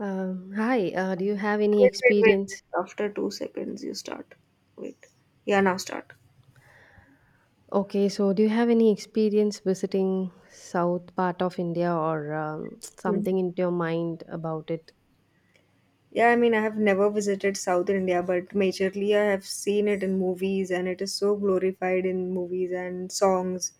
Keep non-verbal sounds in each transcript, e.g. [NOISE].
Hi, do you have any Wait, wait, wait. experience? After 2 seconds, you start. Wait. Yeah, now start. Okay, so do you have any experience visiting south part of India or Hmm. something into your mind about it? Yeah, I mean, I have never visited South India, but majorly I have seen it in movies, and it is so glorified in movies and songs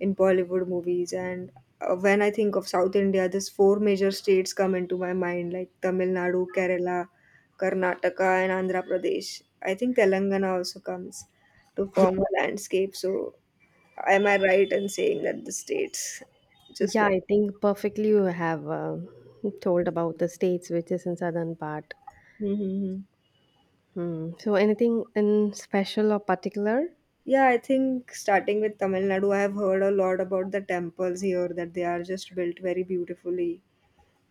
in Bollywood movies. And when I think of South India, these four major states come into my mind, like Tamil Nadu, Kerala, Karnataka, and Andhra Pradesh. I think Telangana also comes to Yeah, form a landscape. So, am I right in saying that the states, just yeah, like— I think perfectly you have told about the states which is in southern part. Mm-hmm. Hmm. So anything in special or particular? Yeah, I think starting with Tamil Nadu, I have heard a lot about the temples here, that they are just built very beautifully,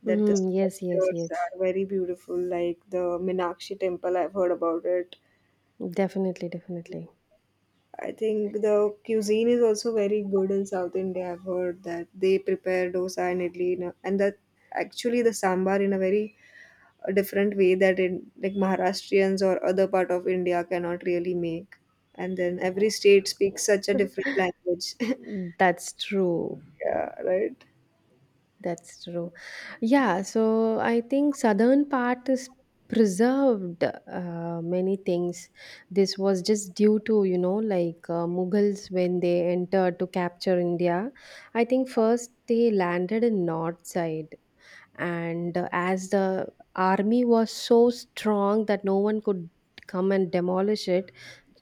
that the Mm, yes, yes, structures yes. are very beautiful, like the Minakshi temple, I've heard about it. Definitely, definitely. I think the cuisine is also very good in South India. I've heard that they prepare dosa and idli, and that actually the sambar in a very a different way that in, like, Maharashtrians or other part of India cannot really make. And then every state speaks such a different language. [LAUGHS] That's true. Yeah, right. That's true. Yeah, so I think southern part is preserved many things. This was just due to, you know, like Mughals when they entered to capture India. I think first they landed in north side and as the army was so strong that no one could come and demolish it,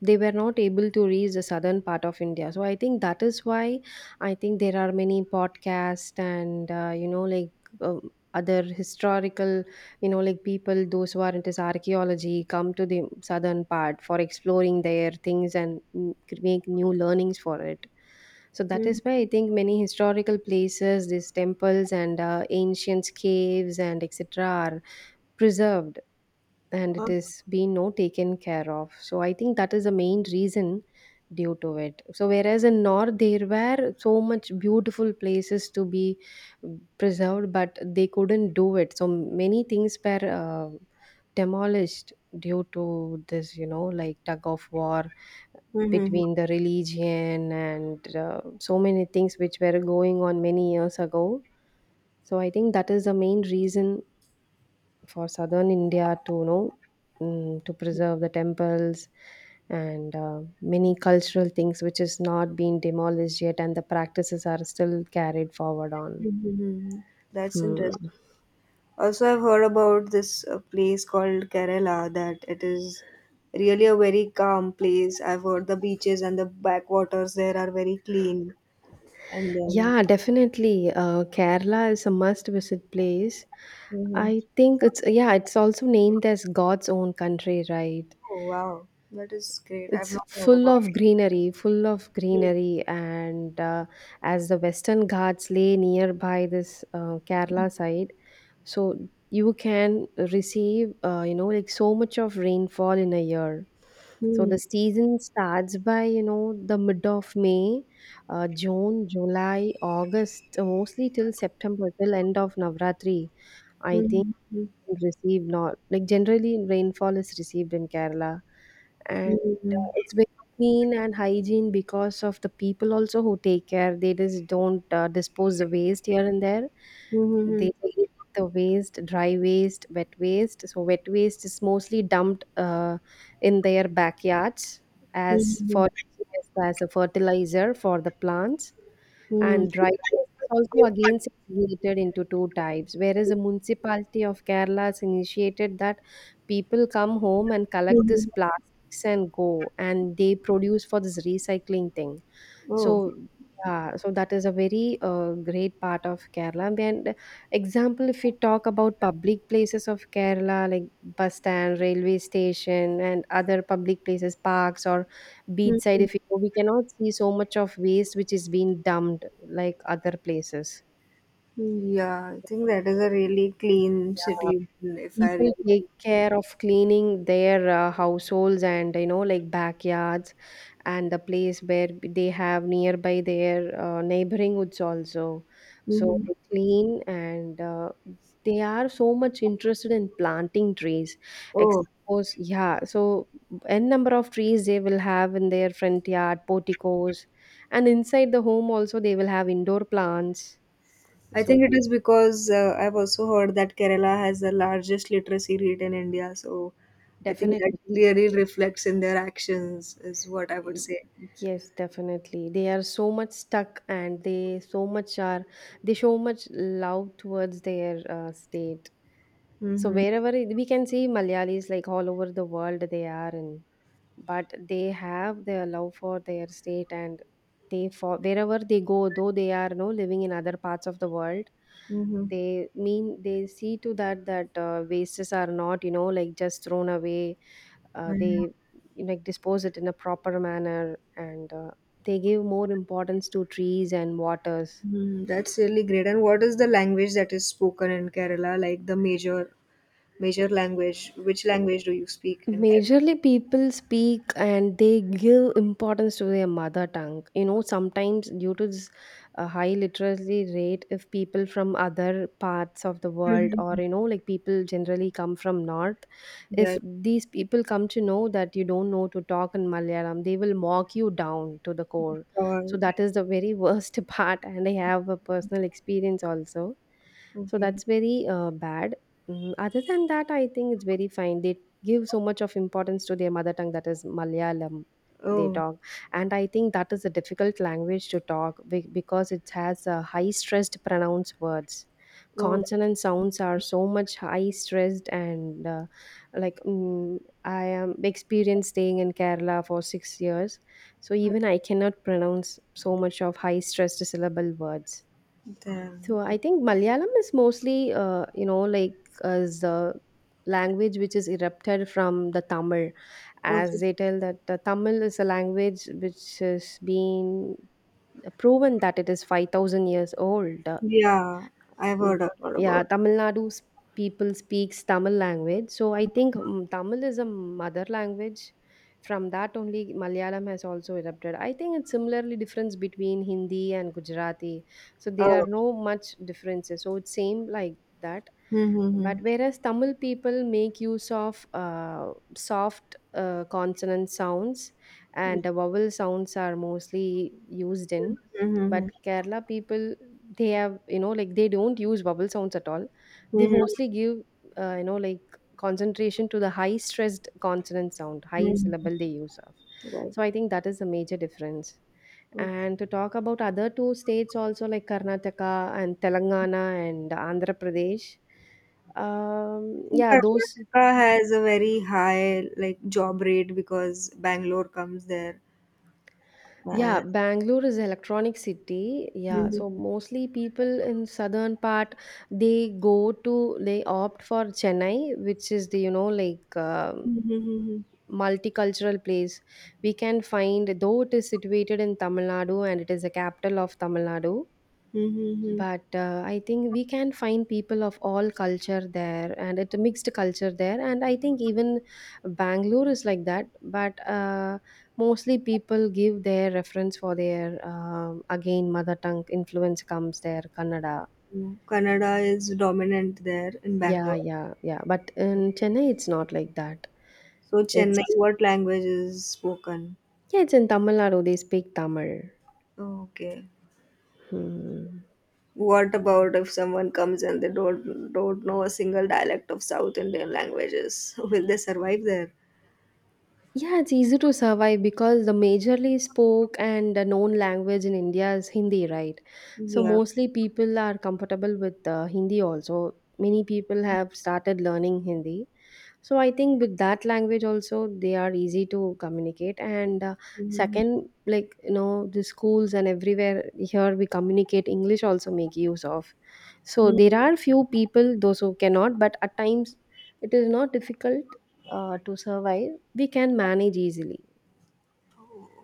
they were not able to reach the southern part of india, so I think that is why I think there are many podcasts and you know like uh, other historical, you know, like people those who are into archaeology come to the southern part for exploring their things and make new learnings for it. So that Mhm. is why I think many historical places, these temples and ancient caves and etc are preserved and Uh, it is being no taken care of, so I think that is the main reason due to it. So whereas in north there were so much beautiful places to be preserved, but they couldn't do it, so many things were demolished due to this, you know, like tug of war mhm, between the religion and so many things which were going on many years ago. So I think that is the main reason for southern India to, you know, to preserve the temples and many cultural things which is not been demolished yet, and the practices are still carried forward on. mhm, mhm. That's Hmm. interesting. Also, I've heard about this place called Kerala, that it is really a very calm place. I've heard the beaches and the backwaters there are very clean. And then— Yeah, definitely. Kerala is a must visit place. Mhm. I think it's, yeah, it's also named as God's own country, right? Oh, wow, that is great. I've It's not heard about full of it. greenery, and as the Western Ghats lay nearby this Kerala side, so you can receive, you know, like so much of rainfall in a year. So the Hmm. season starts by, you know, the mid of May, June, July, August, mostly till September, till end of Navratri, I think, Mhm, mhm, and receive not like generally rainfall is received in Kerala, and mhm, it's very clean and hygiene because of the people also who take care. They just don't dispose the waste here and there. mhm, They say the waste, dry waste, wet waste. So wet waste is mostly dumped in their backyards mhm, as mhm. for as a fertilizer for the plants, and dry waste is also again segregated into two types. Whereas the municipality of Kerala has initiated that people come home and collect these Mhm. plastics and go, and they produce for this recycling thing. Oh. So, yeah, so that is a very great part of Kerala. And example, if we talk about public places of Kerala, like bus stand, railway station, and other public places, parks or beachside, Mhm. if you go, we cannot see so much of waste which is being dumped like other places. Yeah, I think that is a really clean Yeah, city, if I people really take think about it. care of cleaning their households and, you know, like backyards and the place where they have nearby their neighboring woods also. So Mhm. they clean and they are so much interested in planting trees. Ex- Oh, Suppose, yeah, so n number of trees they will have in their front yard porticos, and inside the home also they will have indoor plants. I So think it is because I've also heard that Kerala has the largest literacy rate in India, so I think that definitely. really reflects in their actions, is what I would Y- say. Yes, definitely. They are so much stuck and they so much are, they show much love towards their state. So Mm-hmm. wherever we can see Malayalis like all over the world they are in, but they have their love for their state, and they for wherever they go, though they are no living in other parts of the world, Mm-hmm. they mean they see to that that wastes are not, you know, like just thrown away. They like dispose it in a proper manner, and they give more importance to trees and waters. Hmm, that's really great. And what is the language that is spoken in Kerala? Like the major language? Which language do you speak in Kerala? Majorly, people speak and they give importance to their mother tongue. You know, sometimes due to this high literacy rate, if people from other parts of the world or, Mhm. you know, like people generally come from North, if Right. these people come to know that you don't know to talk in Malayalam, they will mock you down to the core. So Oh, that is the very worst [LAUGHS] part. And I have a personal experience also, so okay. that's very bad. Mm, other than that, I think it's very fine. They give so much of importance to their mother tongue, that is malayalam, they Oh, talk, and I think that is a difficult language to talk because it has high stressed pronounced words, oh, consonant sounds are so much high stressed, and like I am experienced staying in kerala for 6 years, so even I cannot pronounce so much of high stressed syllable words. damn. So I think Malayalam is mostly, you know, like as the language which is erupted from the Tamil, as Okay. they tell that the Tamil is a language which has been proven that it is 5,000 years old. Yeah, I've Mm. heard a lot Yeah, about. Tamil Nadu's people speaks Tamil language. So I think, mm, Tamil is a mother language. From that only Malayalam has also erupted. I think it's similarly difference between Hindi and Gujarati. So there are Oh. no much differences. So it's same like that, but Mm-hmm. whereas tamil people make use of soft consonant sounds, and the vowel sounds are mostly used in, but Mm-hmm. kerala people, they have, you know, like they don't use vowel sounds at all. They Mm-hmm. mostly give you know, like concentration to the high stressed consonant sound, high Mm-hmm. syllable they use of. Right. So I think that is the major difference. Okay. And to talk about other two states also, like karnataka and telangana and andhra pradesh, I think yeah, those, Karnataka has a very high, like, job rate, because Bangalore comes there. yeah, And Bangalore is electronic city. Yeah, so mm-hmm. mostly people in southern part, they go to, they opt for Chennai, which is the, you know, like, um, Mhm, mhm, multicultural place. We can find, though it is situated in Tamil Nadu and it is the capital of Tamil Nadu, mhm, mhm, but I think we can find people of all culture there, and it's a mixed culture there. And I think even bangalore is like that, but mostly people give their reference for their, um, again mother tongue influence comes there, kannada. mhm. Kannada is dominant there in Yeah, Bangalore. yeah, yeah, but in chennai it's not like that. So, Chennai, It's, what language is spoken? yeah, it's in tamil nadu they speak tamil. Okay. Hmm. What about if someone comes and they don't know a single dialect of South Indian languages? [LAUGHS] Will they survive there? Yeah, it's easy to survive because the majorly spoke and the known language in India is Hindi, right? So Yeah. mostly people are comfortable with Hindi also. Many people have started learning Hindi. So I think with that language also they are easy to communicate. And Mhm. second, like, you know, the schools and everywhere here we communicate English also make use of. So Mm. there are few people those who cannot, but at times it is not difficult to survive. We can manage easily.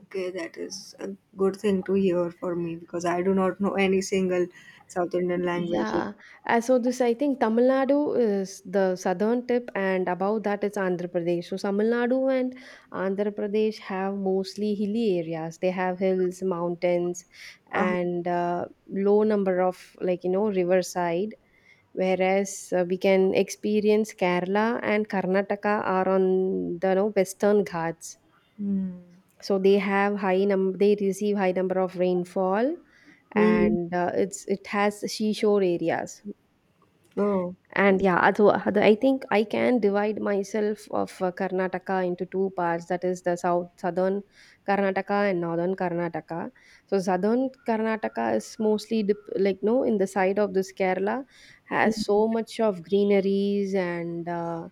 Okay, that is a good thing to hear for me, because I do not know any single South Indian language. Yeah, so this I think Tamil Nadu is the southern tip, and above that it's Andhra Pradesh. So Tamil Nadu and Andhra Pradesh have mostly hilly areas. They have hills, mountains, Ah, and low number of, like, you know, riverside. Whereas we can experience Kerala and Karnataka are on the, you know, western ghats. hmm. So they have high num they receive high number of rainfall, Hmm. and it's, it has seashore areas. Oh, And yeah, I think I can divide myself of Karnataka into two parts. That is the southern Karnataka and northern Karnataka. So southern Karnataka is mostly dip, like no in the side of this Kerala, has so much of greeneries and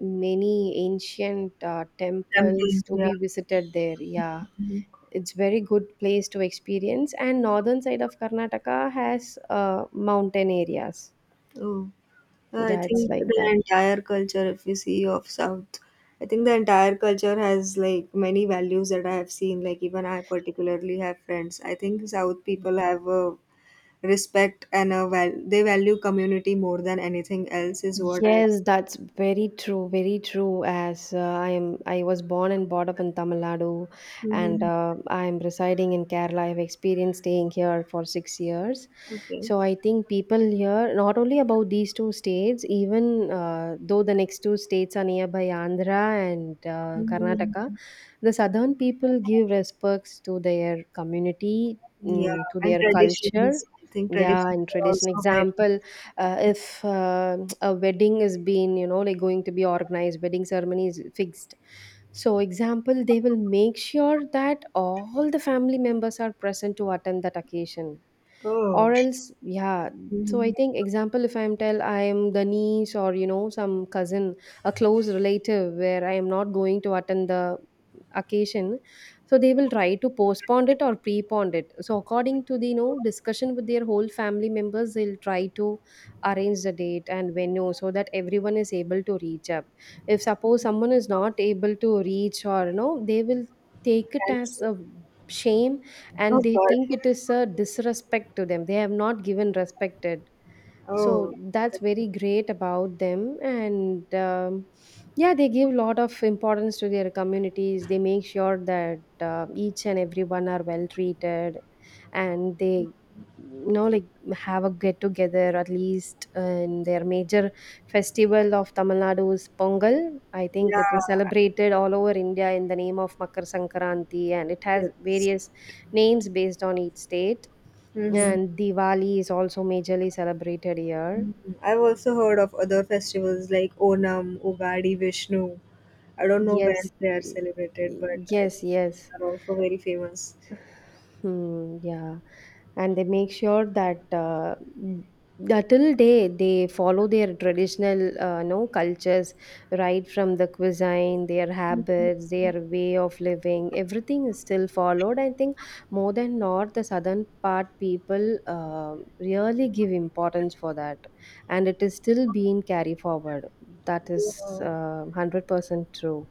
many ancient temples tempting. to Yeah. be visited there. Yeah. Mm-hmm. It's very good place to experience, and northern side of Karnataka has mountain areas. Oh, yeah, I Yeah, it's think like the that. entire culture, if you see, of South— I think the entire culture has, like, many values that I have seen. Like, even I particularly have friends. I think South people have a respect, and a val they value community more than anything else, is what I've— Yes, that's very true, very true. As I was born and brought up in Tamil Nadu, and Hmm. I am residing in Kerala. I've experienced staying here for 6 years, Okay. so I think people here, not only about these two states, even though the next two states are nearby, Andhra and Karnataka, Mhm. the southern people give respects to their community, Yeah, mm, to and their culture. traditions. I think Yeah, traditions and are tradition. also very— Example, if a wedding is being going to be organized, wedding ceremony is fixed, so example they will make sure that all the family members are present to attend that occasion, Oh. or else. Yeah, so I Hmm. think, example, if I'm tell I am the niece or some cousin, a close relative, where I am not going to attend the occasion. So they will try to postpone it or prepone it, so according to the discussion with their whole family members, they'll try to arrange the date and venue so that everyone is able to reach up. If suppose someone is not able to reach, or you know they will take it as a shame, Oh and they think God. it [LAUGHS] is a disrespect to them, they have not given respected. So Oh. that's very great about them. And yeah, they give a lot of importance to their communities. They make sure that each and everyone are well treated, and they, you know like have a get together at least. And their major festival of Tamil Nadu's Pongal, I think it is Yeah. celebrated all over India in the name of Makar Sankranti, and it has Yes. various names based on each state. Mhm. And Diwali is also majorly celebrated here. I've also heard of other festivals like Onam, Ugadi, Vishnu. I don't know where Yes, they are celebrated, but I think yes, yes. they are also very famous. Yeah, and they make sure that till day they follow their traditional, no cultures, right from the cuisine, their habits, their way of living. Everything is still followed. I think more than north, the southern part people really give importance for that, and it is still being carried forward. That is Yeah. 100% true.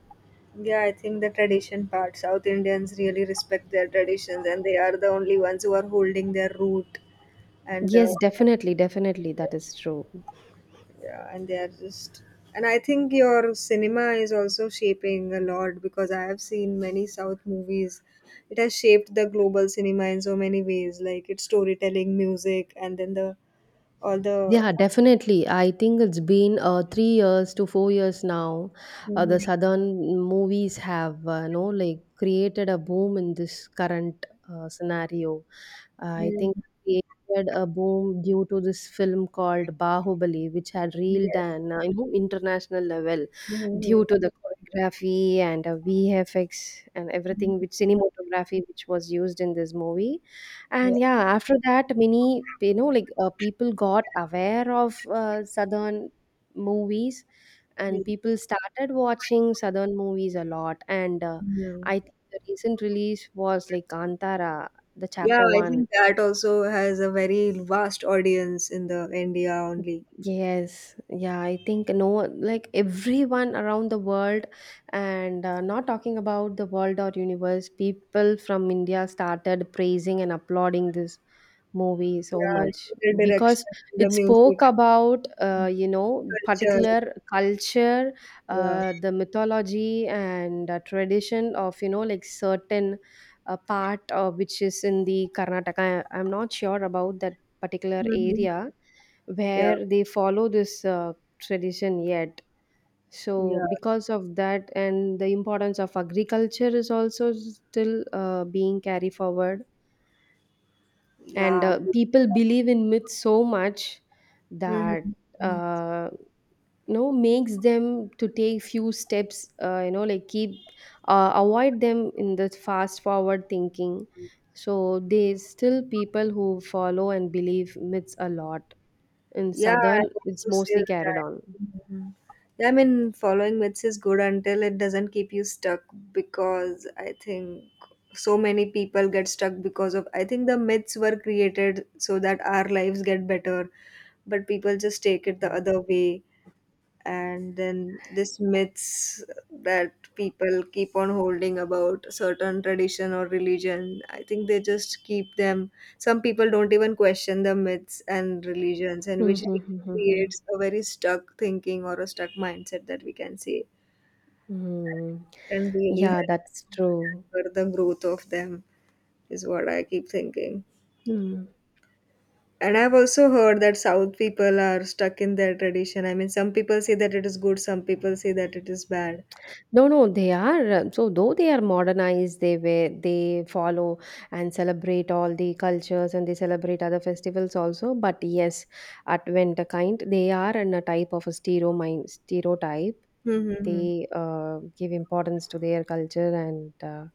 Yeah, I think the tradition part. South Indians really respect their traditions, and they are the only ones who are holding their root and the— Yes, definitely, definitely, that is true. yeah, and they are just— and I think your cinema is also shaping a lot, because I have seen many south movies. It has shaped the global cinema in so many ways, like its storytelling, music, and then the— all the— Yeah, definitely. I think it's been 3 years to 4 years now. Mhm. The southern movies have created a boom in this current scenario. I think Mhm. created a boom due to this film called Bahubali, which had reeled Yes. an international level due Mhm. to the choreography and VFX and everything, which Mhm. cinematography which was used in this movie. Yes. And yeah, after that, many people got aware of southern movies, and people started watching southern movies a lot. And Mhm. I think the recent release was like Kantara, the Yeah, chapter I one. think that also has a very vast audience in the India only. Yes, yeah, I think no, like everyone around the world, and not talking about the world or universe, people from India started praising and applauding this movie so Yeah, much, the direction, because the it music, spoke about culture. particular culture, the mythology, and tradition of, certain part, which is in the Karnataka. I'm not sure about that particular Yeah. area Yeah, where they follow this tradition yet. So yeah. because of that, and the importance of agriculture is also still being carried forward. And Yeah. People believe in myths so much, Mhm, that mhm. uh, makes them to take few steps, keep avoid them in the fast forward thinking. So they still people who follow and believe myths a lot, in Yeah, I southern it's also say mostly carried on. that. Mhm. Yeah, I mean, following myths is good until it doesn't keep you stuck, because I think so many people get stuck because of— I think the myths were created so that our lives get better, but people just take it the other way. And then this myths that people keep on holding about certain tradition or religion, I think they just keep them. Some people don't even question the myths and religions, and Hmm, which hmm, hmm, hmm, hmm. creates a very stuck thinking or a stuck mindset, that we can see, Hmm. and really Yeah, that's true. hinder the growth of them, is what I keep thinking. Hmm. And I've also heard that South people are stuck in their tradition. I mean, some people say that it is good, some people say that it is bad. No, no, they are. So though they are modernized, they follow and celebrate all the cultures, and they celebrate other festivals also. But yes, Advent kind, they are in a type of a stereo mind, stereotype. Hmm, hmm, hmm. They give importance to their culture and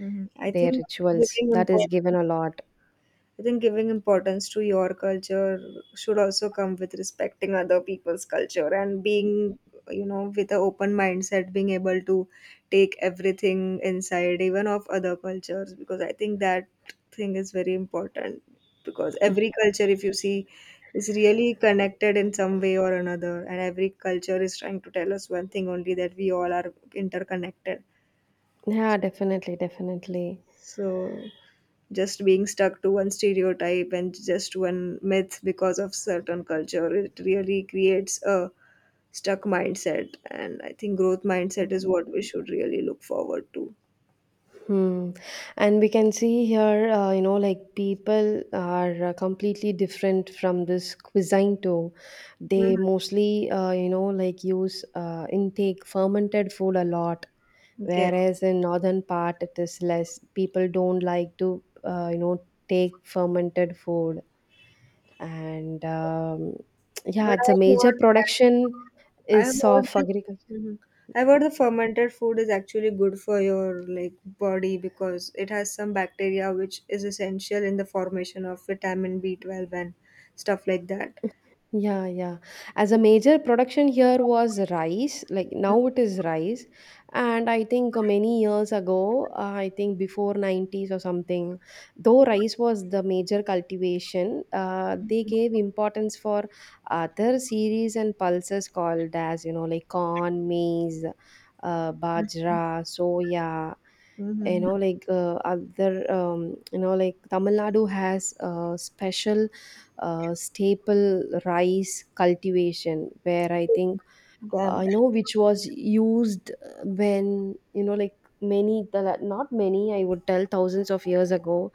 Mhm. I their think rituals. giving That is given importance— a lot. I think giving importance to your culture should also come with respecting other people's culture, and being, you know, with an open mindset, being able to take everything inside, even of other cultures, because I think that thing is very important. Because every culture, if you see, is really connected in some way or another, and every culture is trying to tell us one thing only, that we all are interconnected. Yeah, definitely, definitely. So, just being stuck to one stereotype and just one myth because of certain culture, it really creates a stuck mindset, and I think growth mindset is what we should really look forward to. Hmm. And we can see here, people are completely different from this cuisine too. They Mhm. mostly, use intake fermented food a lot, Okay, whereas in northern part it is less. People don't like to, take fermented food. And yeah, but it's a major production I've is heard of that- agriculture. Mhm. I've heard the fermented food is actually good for your, like, body, because it has some bacteria which is essential in the formation of vitamin B12 and stuff like that. Yeah, yeah. As a major production here was rice, like now it is rice. And I think many years ago, I think before 90s or something, though rice was the major cultivation, they gave importance for other series and pulses called as, corn, maize, bajra, soya, you Mm-hmm. know, like other, you know, like Tamil Nadu has a special staple rice cultivation, where I think I know which was used when you know like not many I would tell thousands of years ago,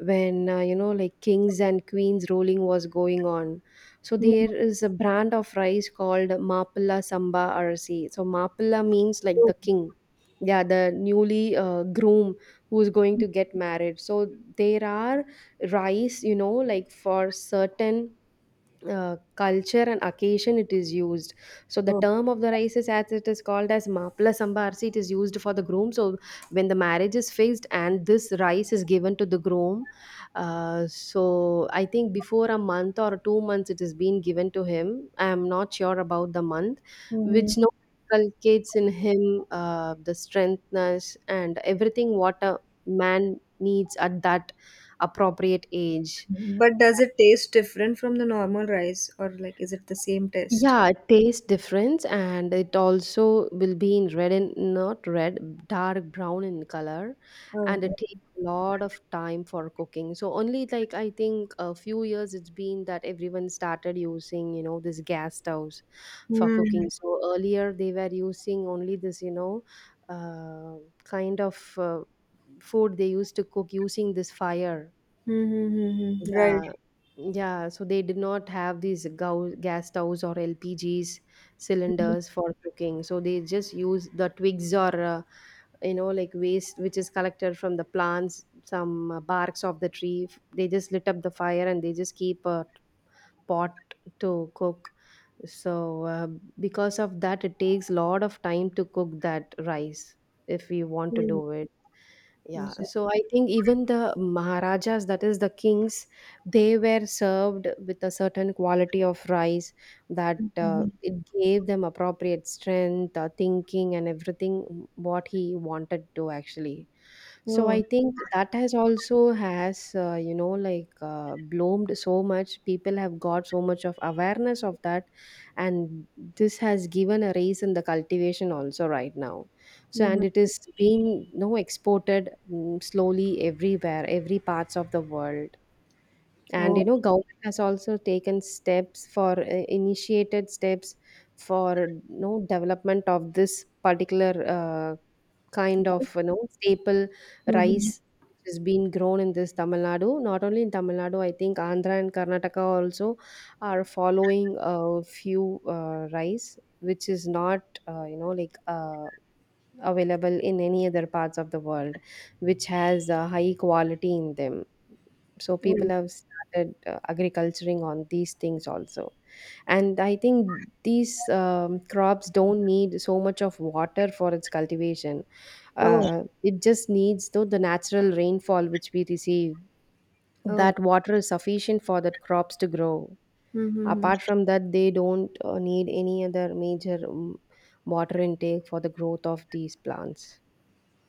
when kings and queens ruling was going on. So Then— there is a brand of rice called mapala samba arsi. So mapala means like the king, yeah, the newly groom who is going to get married. So there are rice, for certain culture and occasion it is used. So the Oh, term of the rice is, as it is called as mapla sambarsi, it is used for the groom. So when the marriage is fixed and this rice is given to the groom, so I think before a month or 2 months it is being given to him. I am not sure about the month, mhm. which no, inculcates in him the strengthness and everything what a man needs at that appropriate age. But does it taste different from the normal rice, or, like, is it the same taste? Yeah, taste difference, and it also will be in red, and not red, dark brown in color, Oh, and it oh. takes a lot of time for cooking. So only like I think a few years it's been that everyone started using this gas stoves for Hmm. cooking. So earlier they were using only this, uh, kind of food, they used to cook using this fire. Mm-hmm. Right. Yeah, yeah. So they did not have these gas stoves or LPGs cylinders for cooking. So they just use the twigs, or waste which is collected from the plants, some barks of the tree. They just lit up the fire, and they just keep a pot to cook. So because of that, it takes a lot of time to cook that rice, if we want to Mhm. do it. Yeah, Is so I think even the Maharajas, that is the kings, they were served with a certain quality of rice, that Mhm. it gave them appropriate strength, thinking, and everything, what he wanted to actually. So I Oh, think that has also has bloomed so much. People have got so much of awareness of that, and this has given a raise in the cultivation also right now. So, and mhm. it is being exported, slowly, everywhere, every parts of the world. And Oh, government has also taken steps for initiated steps for development of this particular kind yes. of, staple Mhm. rice, which has been grown in this Tamil Nadu. Not only in Tamil Nadu, I think Andhra and Karnataka also are following a few rice which is not uh, you know like Uh, available in any other parts of the world, which has a high quality in them. So people Oh, have started agriculturing on these things also. And I think these crops don't need so much of water for its cultivation. oh, It just needs though the natural rainfall which we receive. oh. That water is sufficient for that crops to grow. Mm-hmm. Apart from that, they don't need any other major water intake for the growth of these plants.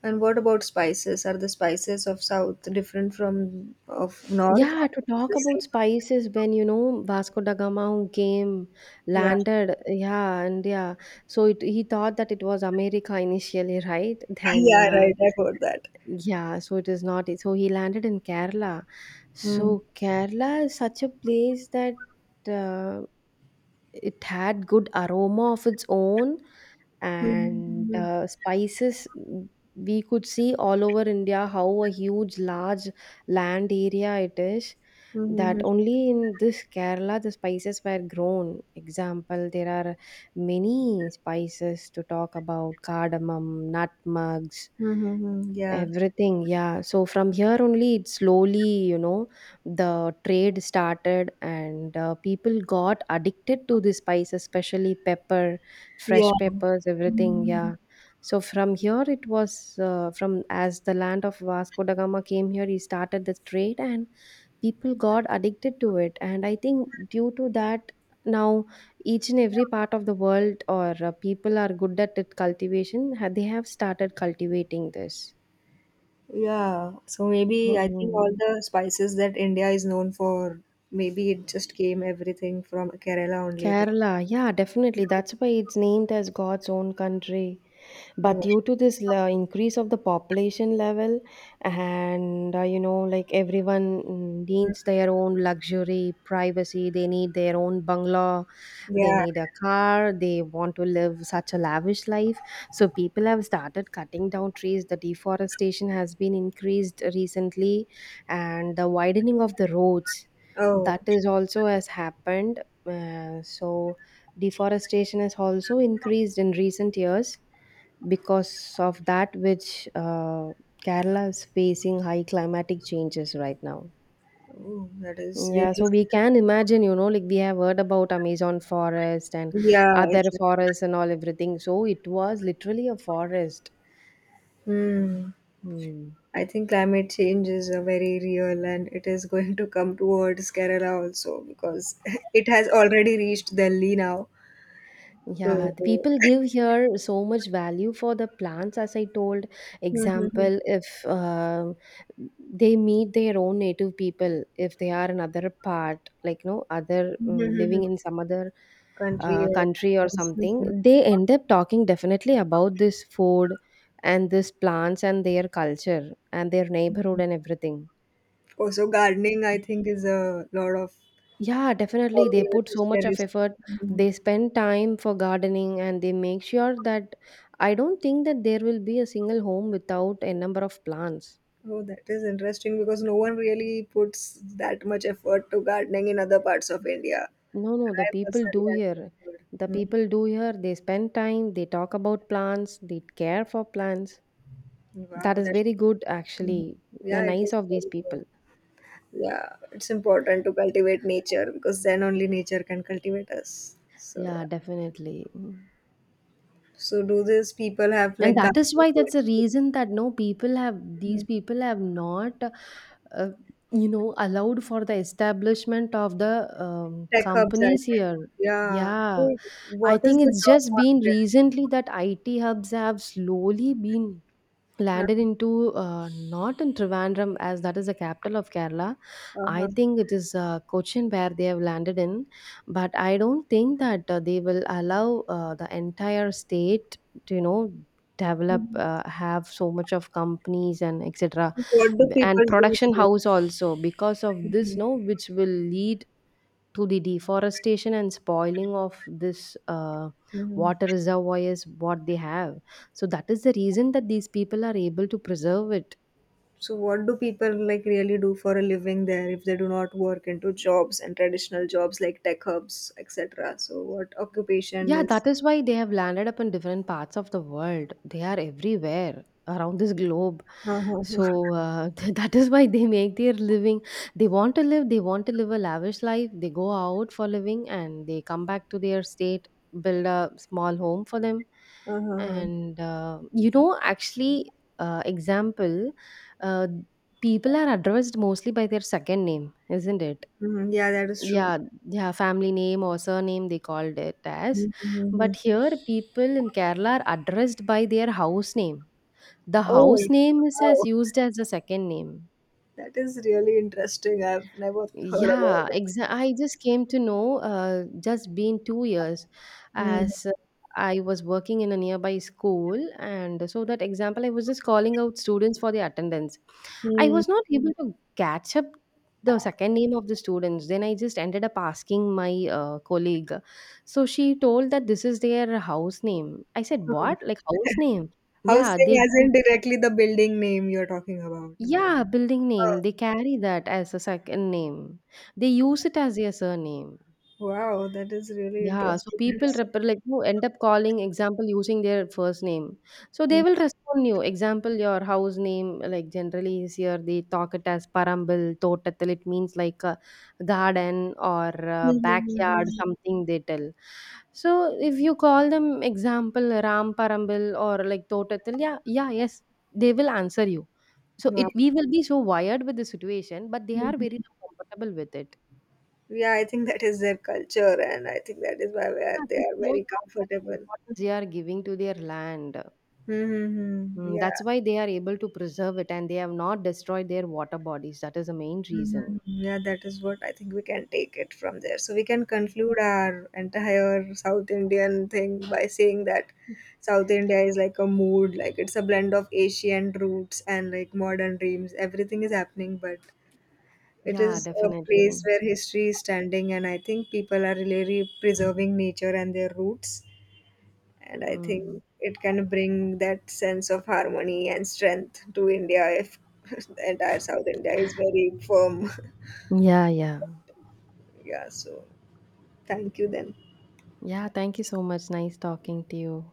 And what about spices? Are the spices of South different from of North? Yeah, Or to is it talk the about same? spices, when Vasco da Gama came, Yeah, landed, yeah, and yeah, so it, he thought that it was America initially, right? [LAUGHS] Then, yeah, right. I've heard that. yeah, so it is not. So he landed in Kerala. Mm. So Kerala is such a place that uh, it had good aroma of its own, and Mm-hmm. Spices, we could see all over India how a huge large land area it is, that Mm-hmm. only in this Kerala the spices were grown. Example, there are many spices to talk about: cardamom, nutmegs. Mm-hmm. Mm-hmm. Yeah. Everything, yeah. So from here only, it slowly, the trade started, and people got addicted to the spice, especially pepper, Yeah. fresh peppers, everything, yeah. So from here, it was from as the land of Vasco da Gama came here, he started the trade, and people got addicted to it. And I think due to that, now each and every part of the world, or people are good at it cultivation, they have started cultivating this. Yeah, so maybe I think all 嗯，the spices that India is known for, maybe it just came everything from Kerala only. Because, Kerala, yeah, definitely. That's why it's named as God's own country. But no. due to this increase of the population level, and everyone, needs their own luxury, privacy, they need their own bungalow, they Yeah. need a car, they want to live such a lavish life. So people have started cutting down trees. The deforestation has been increased recently, and the widening of the roads, Oh, that is also has happened, so deforestation has also increased in recent years, because of that, which Kerala is facing high climatic changes right now. oh, that is Yeah, really— so we can imagine, we have heard about Amazon forest and Yeah, other it's, like— forests and all everything, so it was literally a forest. Hmm. Hmm. I think climate change is a very real, and it is going to come towards Kerala also, because [LAUGHS] it has already reached Delhi now. Yeah, So, the people give here so much value for the plants, as I told. Example, [LAUGHS] if they meet their own native people, if they are another part, like no other living in some other country. Country or uh, something, they end up talking definitely about this food and this plants and their culture and their neighborhood and everything. Also, gardening, I think, is a lot of Yeah, definitely. hobby They which put is so much of cherished. effort. Mhm. They spend time for gardening and they make sure that I don't think that there will be a single home without a number of plants. Oh, that is interesting, because no one really puts that much effort to gardening in other parts of India. No, no, the I people personally do have not here. heard. The Mm. people do here. They spend time, they talk about plants, they care for plants. That Wow, is that. very good, Mhm. actually. The Yeah, it nice is of these very good. people. Yeah, it's important to cultivate nature, because then only nature can cultivate us. So, Yeah, yeah. definitely. So, do these people have, And like, that is gardening why that's the courses? reason that no people have these people have not, uh, allowed for the establishment of the Tech hubs, I companies here. think. Yeah. Yeah, So, I what is think the it's job just been market? recently that IT hubs have slowly been Huh. landed into not in Trivandrum as that is the capital of Kerala. I Uh-huh. think it is Cochin where they have landed in, but I don't think that they will allow the entire state to you know develop Mhm. Have so much of companies and etc What do people and do production there? house also because of this Mhm. no which will lead to the deforestation and spoiling of this Mhm. water reservoirs what they have, so that is the reason that these people are able to preserve it. So, what do people, like, really do for a living there, if they do not work into jobs and traditional jobs like tech hubs, etc.? So, what occupation Yeah, is? that is why they have landed up in different parts of the world. They are everywhere around this globe. Uh-huh. So [LAUGHS] that is why they make their living. They want to live, they want to live a lavish life. They go out for living and they come back to their state, build a small home for them. Uh-huh. And you know, actually, Example, uh, people are addressed mostly by their second name, isn't it? Mhm. Yeah, that is true. Yeah, yeah, family name or surname they called it as, Mm-hmm. but here people in Kerala are addressed by their house name. The Oh, house name is wow. as used as the second name. That is really interesting. I've never heard about Yeah, it. I just came to know, just been 2 years. As I was working in a nearby school. And so, that example, I was just calling out students for the attendance. I Mm-hmm. was not able to catch up the second name of the students. Then I just ended up asking my colleague. So, she told that this is their house name. I said, what? Like, house name? Yeah, Housing they. isn't directly the building name you're talking about? Yeah, building Oh. name. They carry that as a second name. They use it as their surname. Wow, that is really Yeah, so interesting. people rep like you end up calling, example, using their first name. So they Mm. will respond you. Example, your house name, like generally is here, they talk it as parambil, totatil. It means like a garden or a backyard, something they tell. So if you call them, example, Ram Parambil or like totatil, yeah, yeah, yes, they will answer you. So Wow. it we will be so wired with the situation, but they are very so comfortable with it. Yeah, I think that is their culture, and I think that is why Yeah, they this are shows very how much comfortable. importance they are giving to their land. Mm-hmm. Mm, that's Yeah. why they are able to preserve it and they have not destroyed their water bodies. That is the main reason. Mhm. Yeah, that is what I think we can take it from there. So, we can conclude our entire South Indian thing by saying that South India is like a mood, like it's a blend of Asian roots and, like, modern dreams. Everything is happening, but it Yeah, is a definitely. place where history is standing, and I think people are really preserving nature and their roots. And I Mhm. think it can bring that sense of harmony and strength to India if [LAUGHS] the entire South India is very firm. Yeah, yeah. Yeah, so, thank you then. Yeah, thank you so much. Nice talking to you.